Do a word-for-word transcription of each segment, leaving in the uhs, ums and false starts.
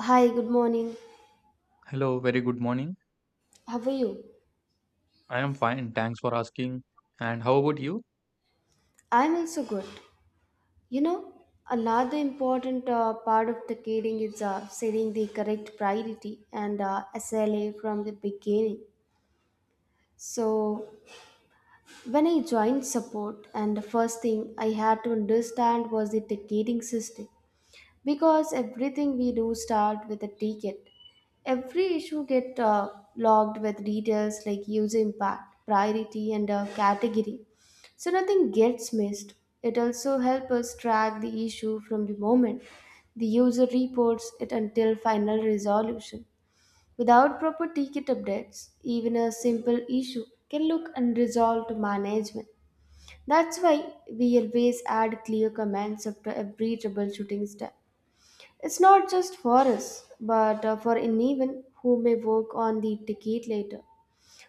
Hi, good morning. Hello, very good morning. How are you? I am fine, thanks for asking. And how about you? I'm also good. You know, Another important uh, part of the coding is uh, setting the correct priority and uh, S L A from the beginning. So, when I joined support, and the first thing I had to understand was the ticketing system, because everything we do start with a ticket. Every issue get uh, logged with details like user impact priority and a category, so nothing gets missed. It also helps us track the issue from the moment the user reports it until final resolution. Without proper ticket updates, even a simple issue can look unresolved to management. That's why we always add clear commands after every troubleshooting step. It's not just for us, but uh, for anyone who may work on the ticket later.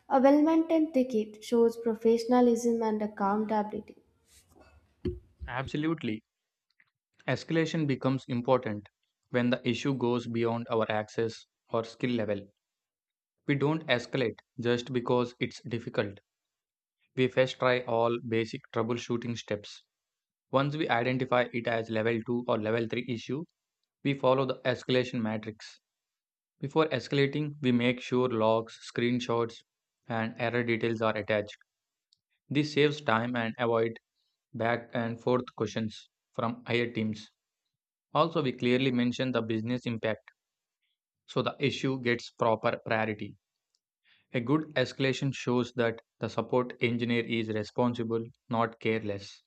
A well maintained ticket shows professionalism and accountability. Absolutely. Escalation becomes important when the issue goes beyond our access or skill level. We don't escalate just because it's difficult. We first try all basic troubleshooting steps. Once we identify it as level two or level three issue, we follow the escalation matrix. Before escalating, we make sure logs, screenshots, and error details are attached. This saves time and avoid back and forth questions from higher teams. Also, we clearly mention the business impact so the issue gets proper priority. A good escalation shows that the support engineer is responsible, not careless.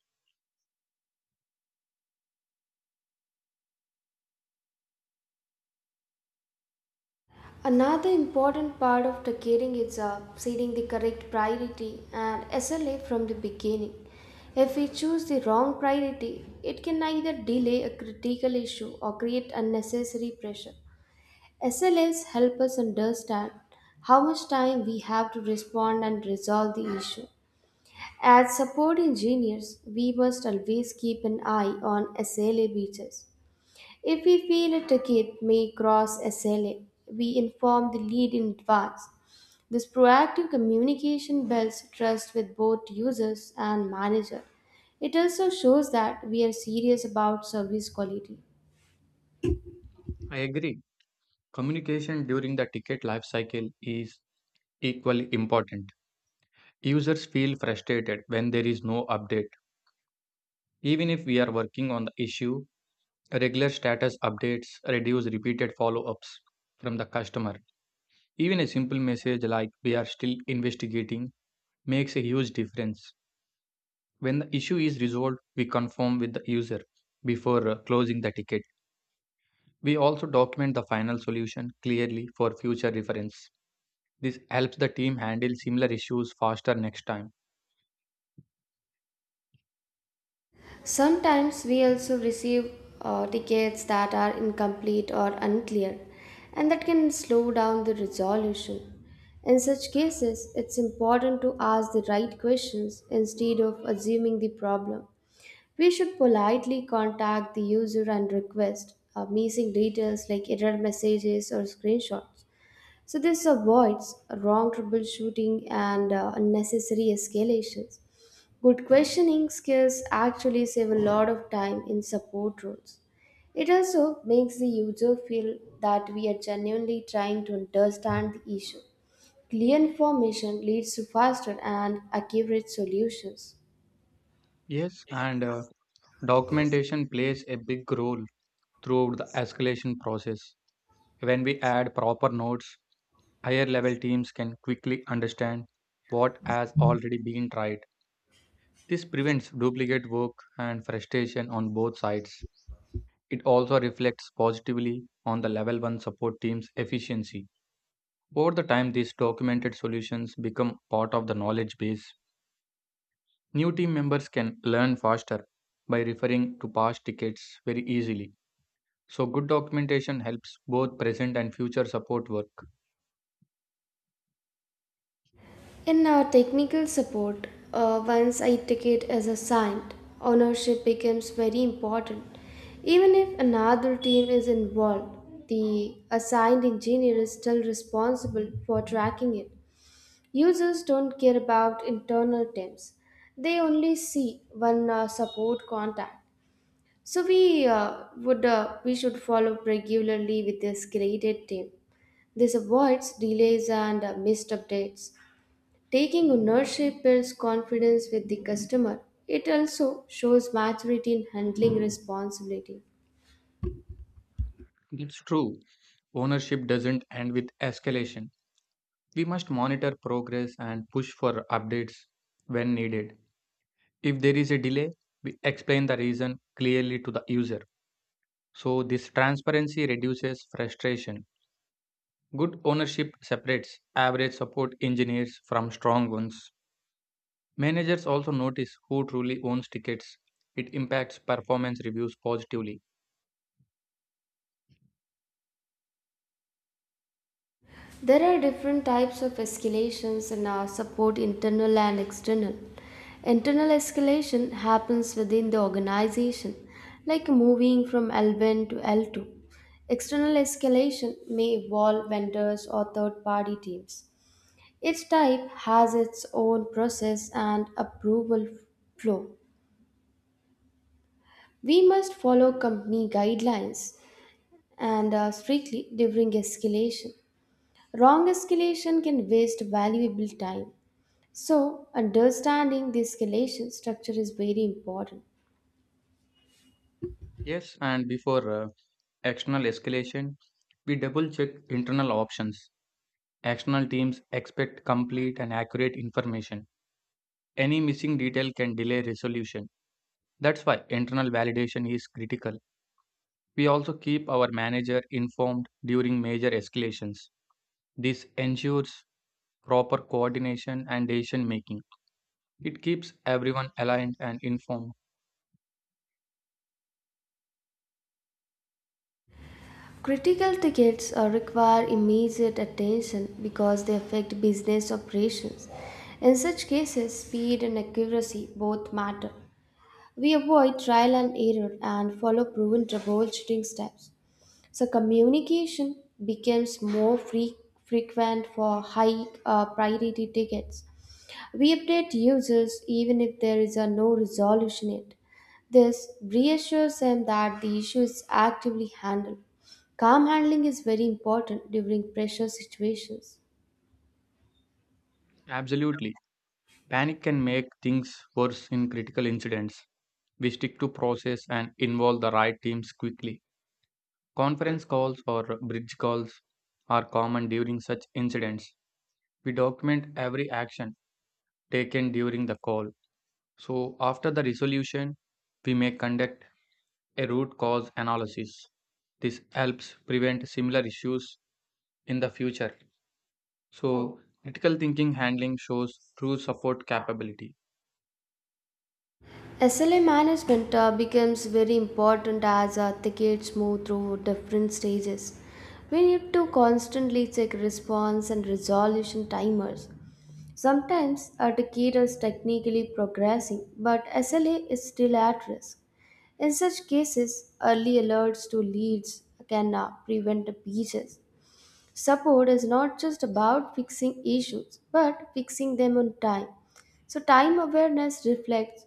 Another important part of ticketing is uh, setting the correct priority and S L A from the beginning. If we choose the wrong priority, it can either delay a critical issue or create unnecessary pressure. S L As help us understand how much time we have to respond and resolve the issue. As support engineers, we must always keep an eye on S L A breaches. If we feel a ticket may cross S L A, we inform the lead in advance. This proactive communication builds trust with both users and manager. It also shows that we are serious about service quality. I agree. Communication during the ticket lifecycle is equally important. Users feel frustrated when there is no update. Even if we are working on the issue, regular status updates reduce repeated follow ups from the customer. Even a simple message like we are still investigating makes a huge difference. When the issue is resolved, we confirm with the user before uh, closing the ticket. We also document the final solution clearly for future reference. This helps the team handle similar issues faster next time. Sometimes we also receive uh, tickets that are incomplete or unclear, and that can slow down the resolution. In such cases, it's important to ask the right questions instead of assuming the problem. We should politely contact the user and request uh, missing details like error messages or screenshots. So, this avoids wrong troubleshooting and uh, unnecessary escalations. Good questioning skills actually save a lot of time in support roles. It also makes the user feel that we are genuinely trying to understand the issue. Clear information leads to faster and accurate solutions. Yes, and uh, documentation plays a big role throughout the escalation process. When we add proper notes, higher level teams can quickly understand what has already been tried. This prevents duplicate work and frustration on both sides. It also reflects positively on the level one support team's efficiency. Over the time, these documented solutions become part of the knowledge base. New team members can learn faster by referring to past tickets very easily. So, good documentation helps both present and future support work. In our technical support, uh, once a ticket is assigned, ownership becomes very important. Even if another team is involved, the assigned engineer is still responsible for tracking it. Users don't care about internal terms, they only see one uh, support contact. So we uh, would uh, we should follow up regularly with this graded team. This avoids delays and uh, missed updates. Taking ownership builds confidence with the customer. It also shows maturity in handling responsibility. It's true, ownership doesn't end with escalation. We must monitor progress and push for updates when needed. If there is a delay, we explain the reason clearly to the user. So, this transparency reduces frustration. Good ownership separates average support engineers from strong ones. Managers also notice who truly owns tickets. It impacts performance reviews positively. There are different types of escalations and are support internal and external. Internal escalation happens within the organization, like moving from L one to L two. External escalation may involve vendors or third party teams. Each type has its own process and approval flow. We must follow company guidelines and are strictly during escalation. Wrong escalation can waste valuable time. So, understanding the escalation structure is very important. Yes, and before uh, external escalation, we double check internal options. External teams expect complete and accurate information. Any missing detail can delay resolution. That's why internal validation is critical. We also keep our manager informed during major escalations. This ensures proper coordination and decision making. It keeps everyone aligned and informed. Critical tickets uh, require immediate attention because they affect business operations. In such cases, speed and accuracy both matter. We avoid trial and error and follow proven troubleshooting steps. So, communication becomes more fre- frequent for high uh, priority tickets. We update users even if there is a no resolution yet. This reassures them that the issue is actively handled. Calm handling is very important during pressure situations. Absolutely. Panic can make things worse in critical incidents. We stick to process and involve the right teams quickly. Conference calls or bridge calls are common during such incidents. We document every action taken during the call. So, after the resolution, we may conduct a root cause analysis. This helps prevent similar issues in the future. So, critical thinking handling shows true support capability. S L A management uh, becomes very important as uh, tickets move through different stages. We need to constantly check response and resolution timers. Sometimes a ticket is technically progressing, but S L A is still at risk. In such cases, early alerts to leads can uh, prevent breaches. Support is not just about fixing issues, but fixing them on time. So, time awareness reflects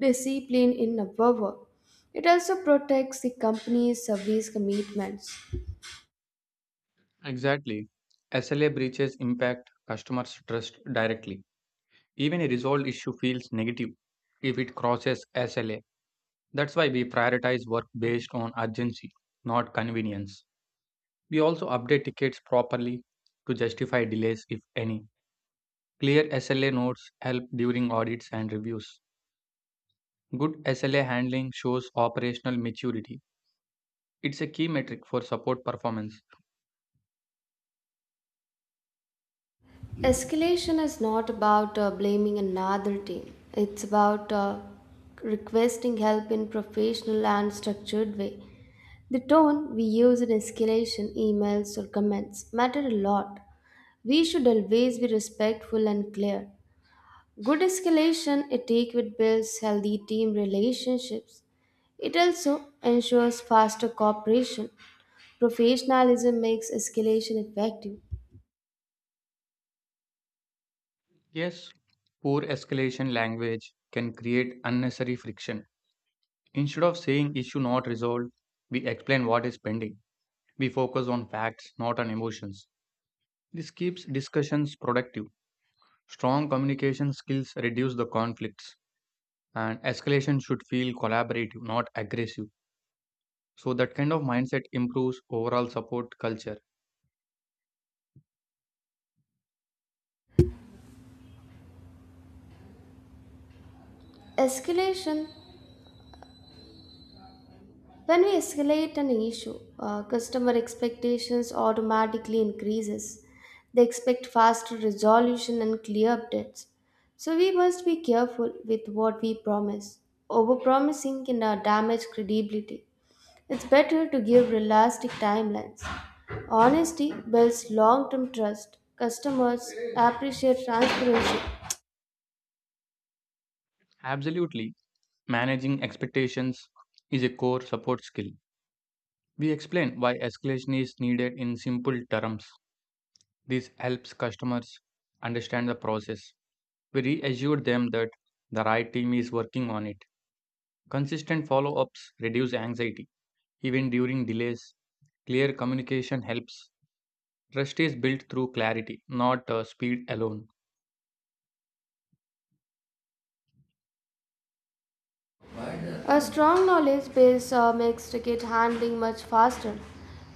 discipline in our work. It also protects the company's service commitments. Exactly. S L A breaches impact customers' trust directly. Even a resolved issue feels negative if it crosses S L A. That's why we prioritize work based on urgency, not convenience. We also update tickets properly to justify delays, if any. Clear S L A notes help during audits and reviews. Good S L A handling shows operational maturity. It's a key metric for support performance. Escalation is not about uh, blaming another team, it's about uh, requesting help in professional and structured way. The tone we use in escalation, emails, or comments matter a lot. We should always be respectful and clear. Good escalation etiquette builds healthy team relationships. It also ensures faster cooperation. Professionalism makes escalation effective. Yes, poor escalation language can create unnecessary friction. Instead of saying issue not resolved, we explain what is pending. We focus on facts, not on emotions. This keeps discussions productive. Strong communication skills reduce the conflicts, and escalation should feel collaborative, not aggressive. So, that kind of mindset improves overall support culture. Escalation. When we escalate an issue, uh, customer expectations automatically increases. They expect faster resolution and clear updates. So we must be careful with what we promise. Overpromising can uh, damage credibility. It's better to give realistic timelines. Honesty builds long-term trust. Customers appreciate transparency. Absolutely, managing expectations is a core support skill. We explain why escalation is needed in simple terms. This helps customers understand the process. We reassured them that the right team is working on it. Consistent follow ups reduce anxiety, even during delays. Clear communication helps. Trust is built through clarity, not uh, speed alone. A strong knowledge base uh, makes ticket handling much faster.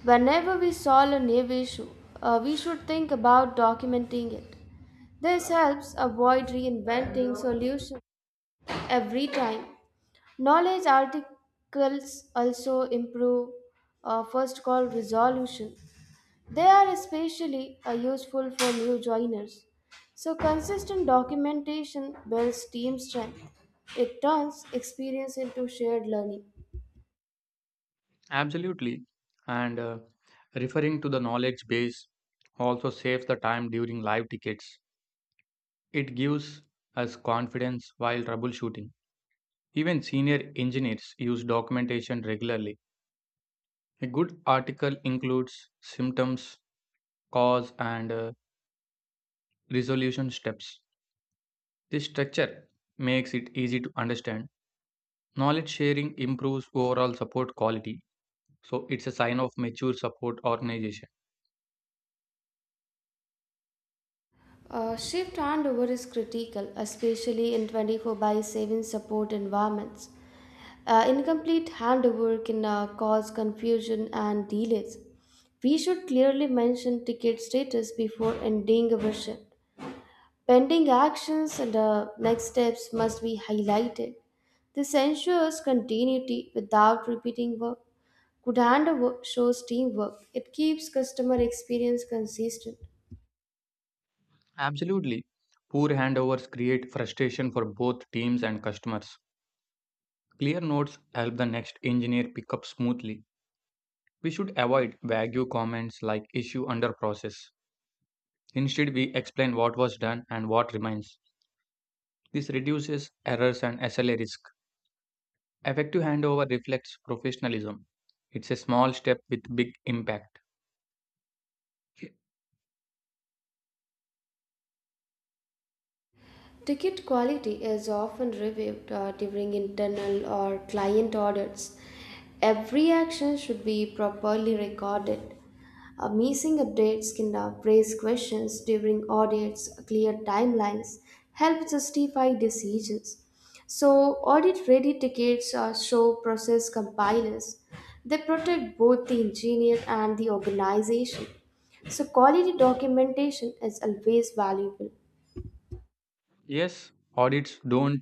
Whenever we solve a new issue, uh, we should think about documenting it. This helps avoid reinventing solutions every time. Knowledge articles also improve uh, first call resolution. They are especially uh, useful for new joiners. So, consistent documentation builds team strength. It turns experience into shared learning. Absolutely. And uh, referring to the knowledge base also saves the time during live tickets. It gives us confidence while troubleshooting. Even senior engineers use documentation regularly. A good article includes symptoms, cause, and uh, resolution steps. This structure makes it easy to understand. Knowledge sharing improves overall support quality, so it's a sign of mature support organization. Uh, shift handover is critical, especially in twenty-four by seven support environments. Uh, incomplete handover can uh, cause confusion and delays. We should clearly mention ticket status before ending our shift. Pending actions and uh, next steps must be highlighted. This ensures continuity without repeating work. Good handover shows teamwork. It keeps customer experience consistent. Absolutely. Poor handovers create frustration for both teams and customers. Clear notes help the next engineer pick up smoothly. We should avoid vague comments like issue under process. Instead, we explain what was done and what remains. This reduces errors and S L A risk. Effective handover reflects professionalism. It's a small step with big impact. Y- Ticket quality is often reviewed uh, during internal or client audits. Every action should be properly recorded. Uh, missing updates can now raise questions during audits. Clear timelines help justify decisions. So, audit ready tickets uh, show process compilers. They protect both the engineer and the organization. So, quality documentation is always valuable. Yes, audits don't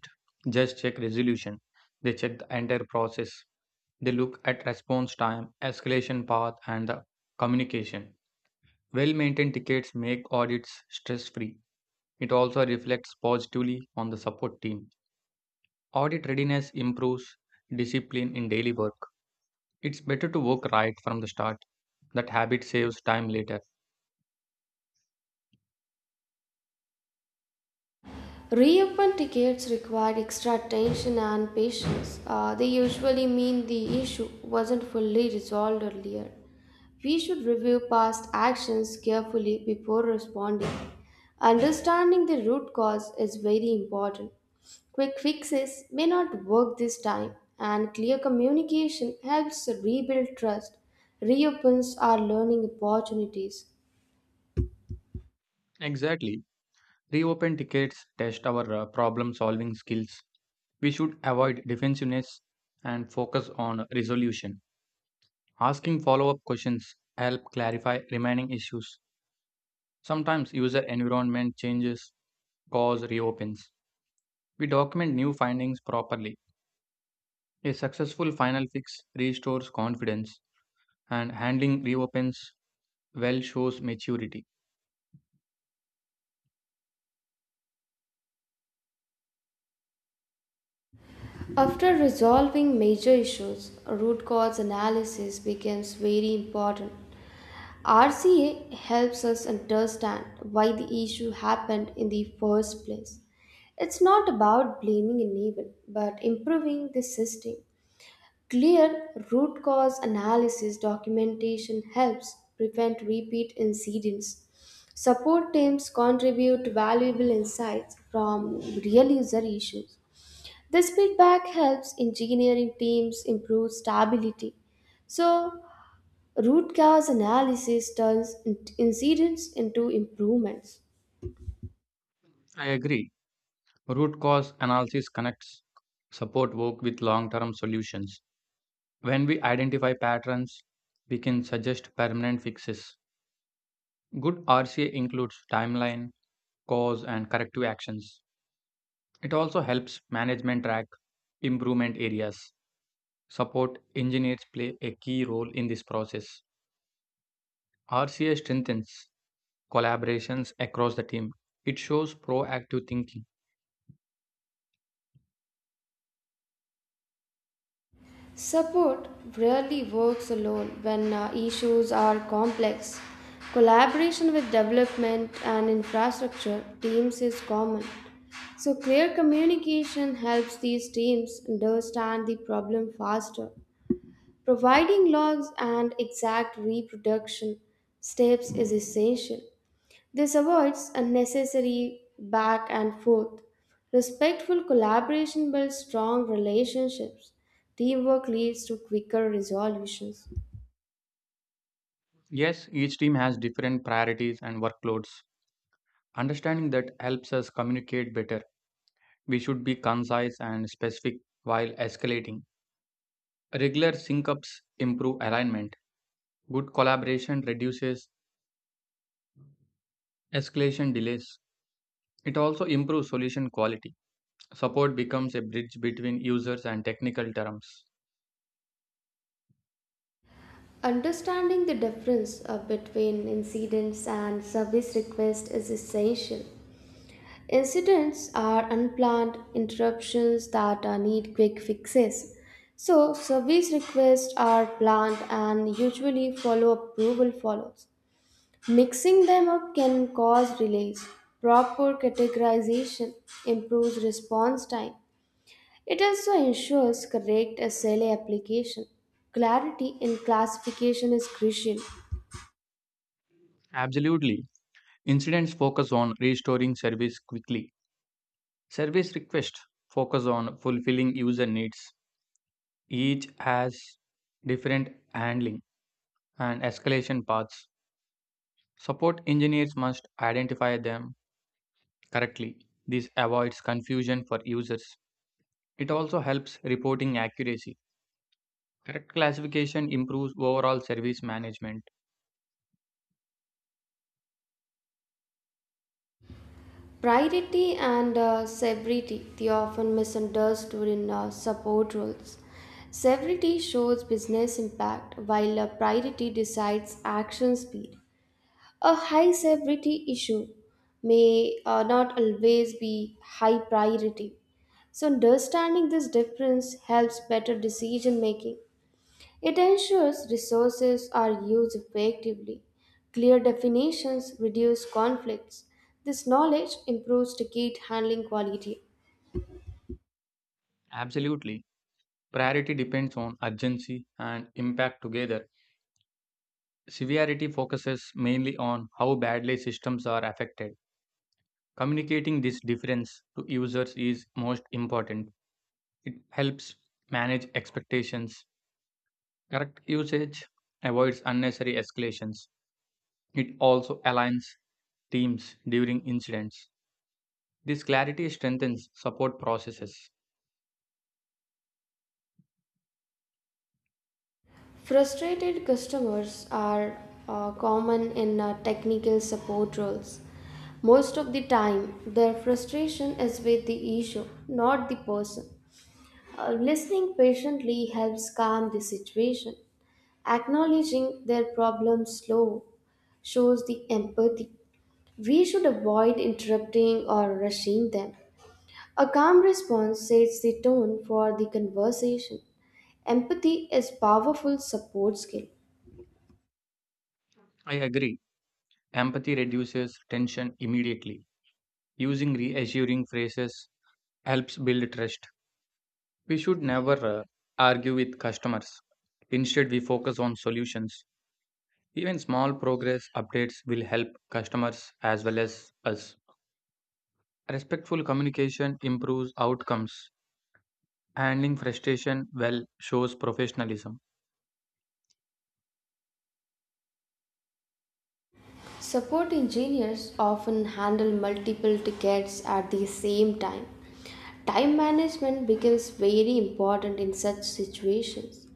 just check resolution, they check the entire process. They look at response time, escalation path, and the communication. Well maintained tickets make audits stress free. It also reflects positively on the support team. Audit readiness improves discipline in daily work. It's better to work right from the start. That habit saves time later. Reopen tickets required extra attention and patience. Uh, they usually mean the issue wasn't fully resolved earlier. We should review past actions carefully before responding. Understanding the root cause is very important. Quick fixes may not work this time, and clear communication helps rebuild trust, reopens our learning opportunities. Exactly. Reopen tickets test our uh, problem solving skills. We should avoid defensiveness and focus on resolution. Asking follow up questions help clarify remaining issues. Sometimes user environment changes cause reopens. We document new findings properly. A successful final fix restores confidence, and handling reopens well shows maturity. After resolving major issues, root cause analysis becomes very important. R C A helps us understand why the issue happened in the first place. It's not about blaming anyone, but improving the system. Clear root cause analysis documentation helps prevent repeat incidents. Support teams contribute valuable insights from real user issues. This feedback helps engineering teams improve stability. So, root cause analysis turns in- incidents into improvements. I agree. Root cause analysis connects support work with long term solutions. When we identify patterns, we can suggest permanent fixes. Good R C A includes timeline, cause, and corrective actions. It also helps management track improvement areas. Support engineers play a key role in this process. R C A strengthens collaborations across the team. It shows proactive thinking. Support rarely works alone when uh, issues are complex. Collaboration with development and infrastructure teams is common. So, clear communication helps these teams understand the problem faster. Providing logs and exact reproduction steps is essential. This avoids unnecessary back and forth. Respectful collaboration builds strong relationships. Teamwork leads to quicker resolutions. Yes, each team has different priorities and workloads. Understanding that helps us communicate better. We should be concise and specific while escalating. Regular sync ups improve alignment. Good collaboration reduces escalation delays. It also improves solution quality. Support becomes a bridge between users and technical terms. Understanding the difference uh, between incidents and service requests is essential. Incidents are unplanned interruptions that uh, need quick fixes. So, service requests are planned and usually follow approval follows. Mixing them up can cause delays. Proper categorization improves response time. It also ensures correct S L A application. Clarity in classification is crucial. Absolutely. Incidents focus on restoring service quickly. Service requests focus on fulfilling user needs. Each has different handling and escalation paths. Support engineers must identify them correctly. This avoids confusion for users. It also helps reporting accuracy. Correct classification improves overall service management. Priority and uh, severity, they are often misunderstood in uh, support roles. Severity shows business impact, while uh, priority decides action speed. A high severity issue may uh, not always be high priority. So, understanding this difference helps better decision making. It ensures resources are used effectively, clear definitions reduce conflicts. This knowledge improves ticket handling quality. Absolutely. Priority depends on urgency and impact together. Severity focuses mainly on how badly systems are affected. Communicating this difference to users is most important. It helps manage expectations. Correct usage avoids unnecessary escalations. It also aligns teams during incidents. This clarity strengthens support processes. Frustrated customers are uh, common in uh, technical support roles. Most of the time, their frustration is with the issue, not the person. Uh, listening patiently helps calm the situation. Acknowledging their problems slow shows the empathy. We should avoid interrupting or rushing them. A calm response sets the tone for the conversation. Empathy is powerful support skill. I agree. Empathy reduces tension immediately. Using reassuring phrases helps build trust. We should never uh, argue with customers. Instead, we focus on solutions. Even small progress updates will help customers as well as us. Respectful communication improves outcomes. Handling frustration well shows professionalism. Support engineers often handle multiple tickets at the same time. Time management becomes very important in such situations.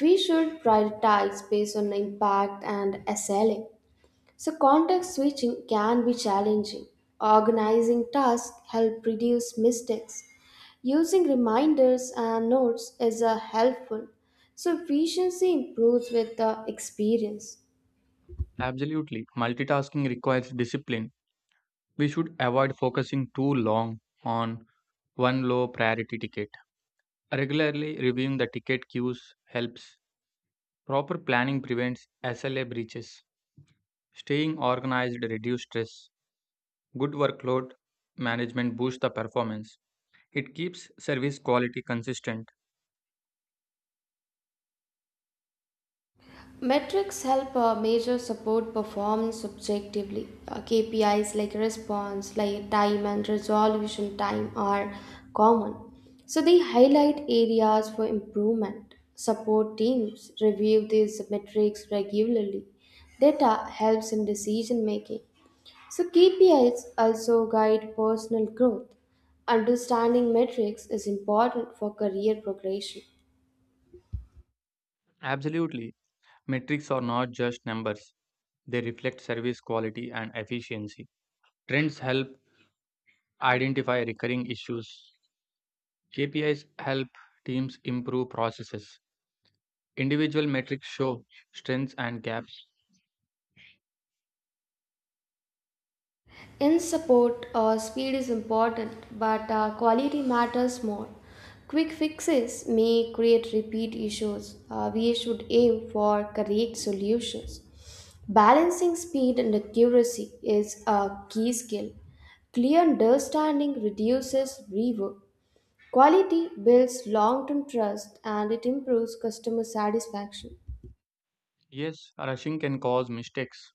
We should prioritize based on impact and S L A. So, context switching can be challenging. Organizing tasks help reduce mistakes. Using reminders and notes is uh, helpful. So, efficiency improves with the experience. Absolutely. Multitasking requires discipline. We should avoid focusing too long on one low priority ticket. Regularly reviewing the ticket queues helps. Proper planning prevents S L A breaches. Staying organized reduces stress. Good workload management boosts the performance. It keeps service quality consistent. Metrics help uh, measure support performance objectively. Uh, K P Is like response like time and resolution time are common. So they highlight areas for improvement. Support teams review these metrics regularly. Data helps in decision making. So K P Is also guide personal growth. Understanding metrics is important for career progression. Absolutely. Metrics are not just numbers, they reflect service quality and efficiency. Trends help identify recurring issues. K P Is help teams improve processes. Individual metrics show strengths and gaps. In support, uh, speed is important, but uh, quality matters more. Quick fixes may create repeat issues. Uh, we should aim for correct solutions. Balancing speed and accuracy is a key skill. Clear understanding reduces rework. Quality builds long term trust and it improves customer satisfaction. Yes, rushing can cause mistakes.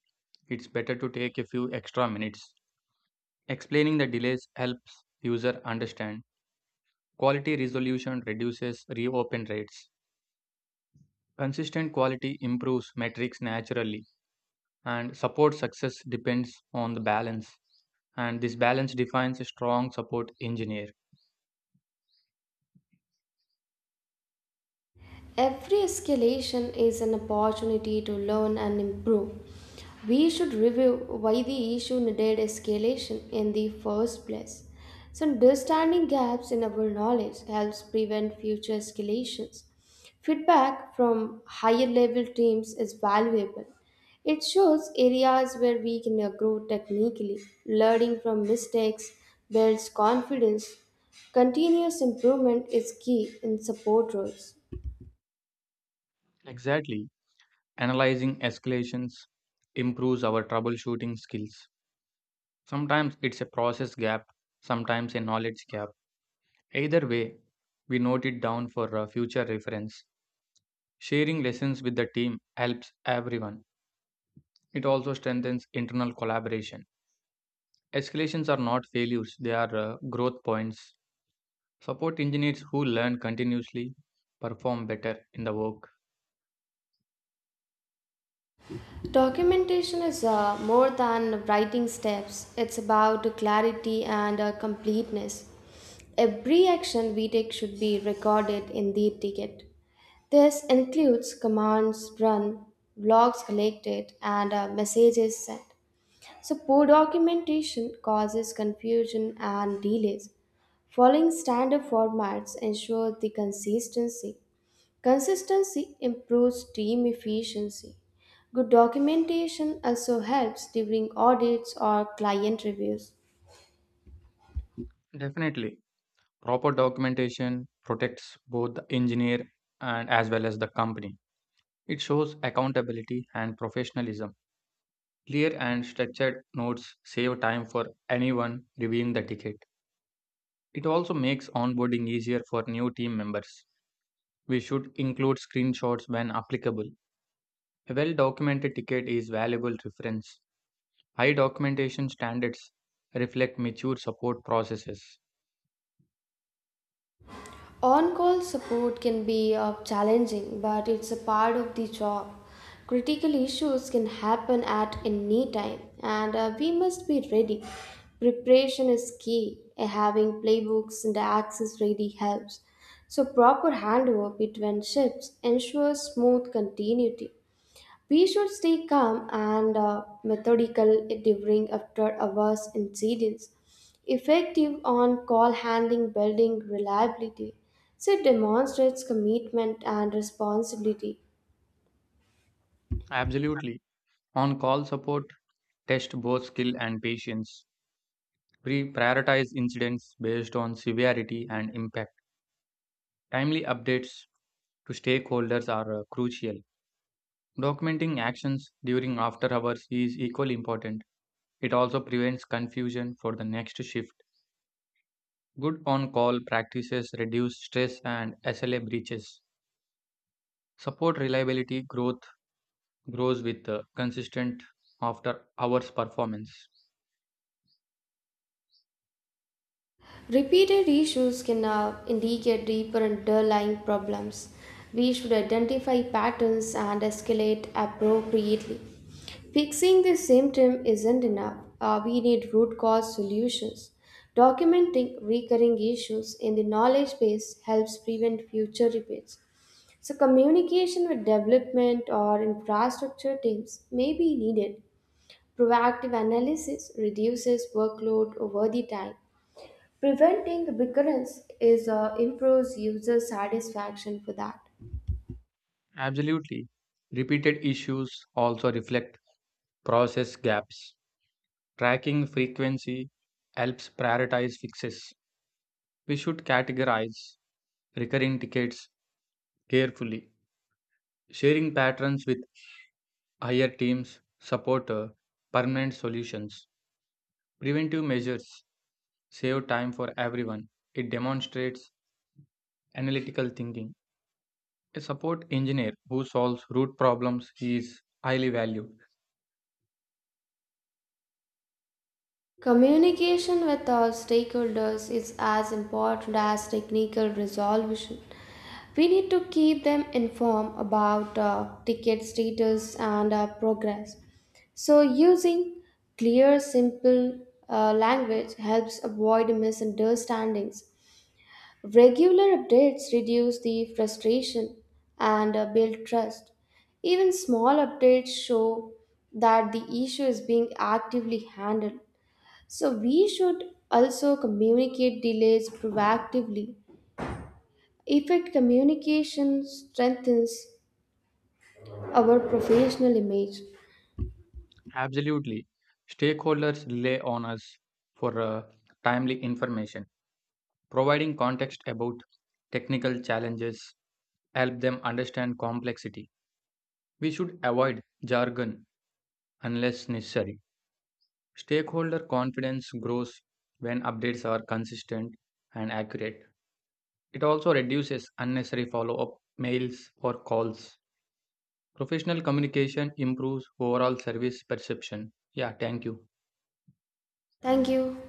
It's better to take a few extra minutes. Explaining the delays helps user understand. Quality resolution reduces reopen rates. Consistent quality improves metrics naturally, and support success depends on the balance. And this balance defines a strong support engineer. Every escalation is an opportunity to learn and improve. We should review why the issue needed escalation in the first place. So, understanding gaps in our knowledge helps prevent future escalations. Feedback from higher level teams is valuable. It shows areas where we can grow technically. Learning from mistakes builds confidence. Continuous improvement is key in support roles. Exactly. Analyzing escalations improves our troubleshooting skills. Sometimes it's a process gap, sometimes a knowledge gap. Either way, we note it down for uh, future reference. Sharing lessons with the team helps everyone. It also strengthens internal collaboration. Escalations are not failures, they are uh, growth points. Support engineers who learn continuously perform better in the work. Documentation is uh, more than writing steps, it's about clarity and uh, completeness. Every action we take should be recorded in the ticket. This includes commands run, logs collected, and uh, messages sent. So, poor documentation causes confusion and delays. Following standard formats ensures the consistency. Consistency improves team efficiency. Good documentation also helps during audits or client reviews. Definitely, proper documentation protects both the engineer and as well as the company. It shows accountability and professionalism. Clear and structured notes save time for anyone reviewing the ticket. It also makes onboarding easier for new team members. We should include screenshots when applicable. A well documented ticket is valuable reference. High documentation standards reflect mature support processes. On call support can be uh, challenging, but it's a part of the job. Critical issues can happen at any time, and uh, we must be ready. Preparation is key. Uh, Having playbooks and access ready helps. So, proper handover between shifts ensures smooth continuity. We should stay calm and uh, methodical during after hours incidents, effective on call handling, building reliability. So it demonstrates commitment and responsibility. Absolutely. On call support, test both skill and patience. We prioritize incidents based on severity and impact. Timely updates to stakeholders are uh, crucial. Documenting actions during after hours is equally important. It also prevents confusion for the next shift. Good on call practices reduce stress and S L A breaches. Support reliability growth grows with uh, consistent after hours performance. Repeated issues can uh, indicate deeper underlying problems. We should identify patterns and escalate appropriately. Fixing the symptom isn't enough. Uh, we need root cause solutions. Documenting recurring issues in the knowledge base helps prevent future repeats. So, communication with development or infrastructure teams may be needed. Proactive analysis reduces workload over the time. Preventing recurrence is uh, improves user satisfaction for that. Absolutely. Repeated issues also reflect process gaps. Tracking frequency helps prioritize fixes. We should categorize recurring tickets carefully. Sharing patterns with higher teams support uh, permanent solutions. Preventive measures save time for everyone. It demonstrates analytical thinking. A support engineer who solves root problems is highly valued. Communication with our stakeholders is as important as technical resolution. We need to keep them informed about uh, ticket status and uh, progress. So, using clear, simple uh, language helps avoid misunderstandings. Regular updates reduce the frustration and uh, build trust. Even small updates show that the issue is being actively handled. So, we should also communicate delays proactively. Effective communication strengthens our professional image. Absolutely. Stakeholders rely on us for uh, timely information. Providing context about technical challenges help them understand complexity. We should avoid jargon unless necessary. Stakeholder confidence grows when updates are consistent and accurate. It also reduces unnecessary follow up mails or calls. Professional communication improves overall service perception. Yeah, thank you. Thank you.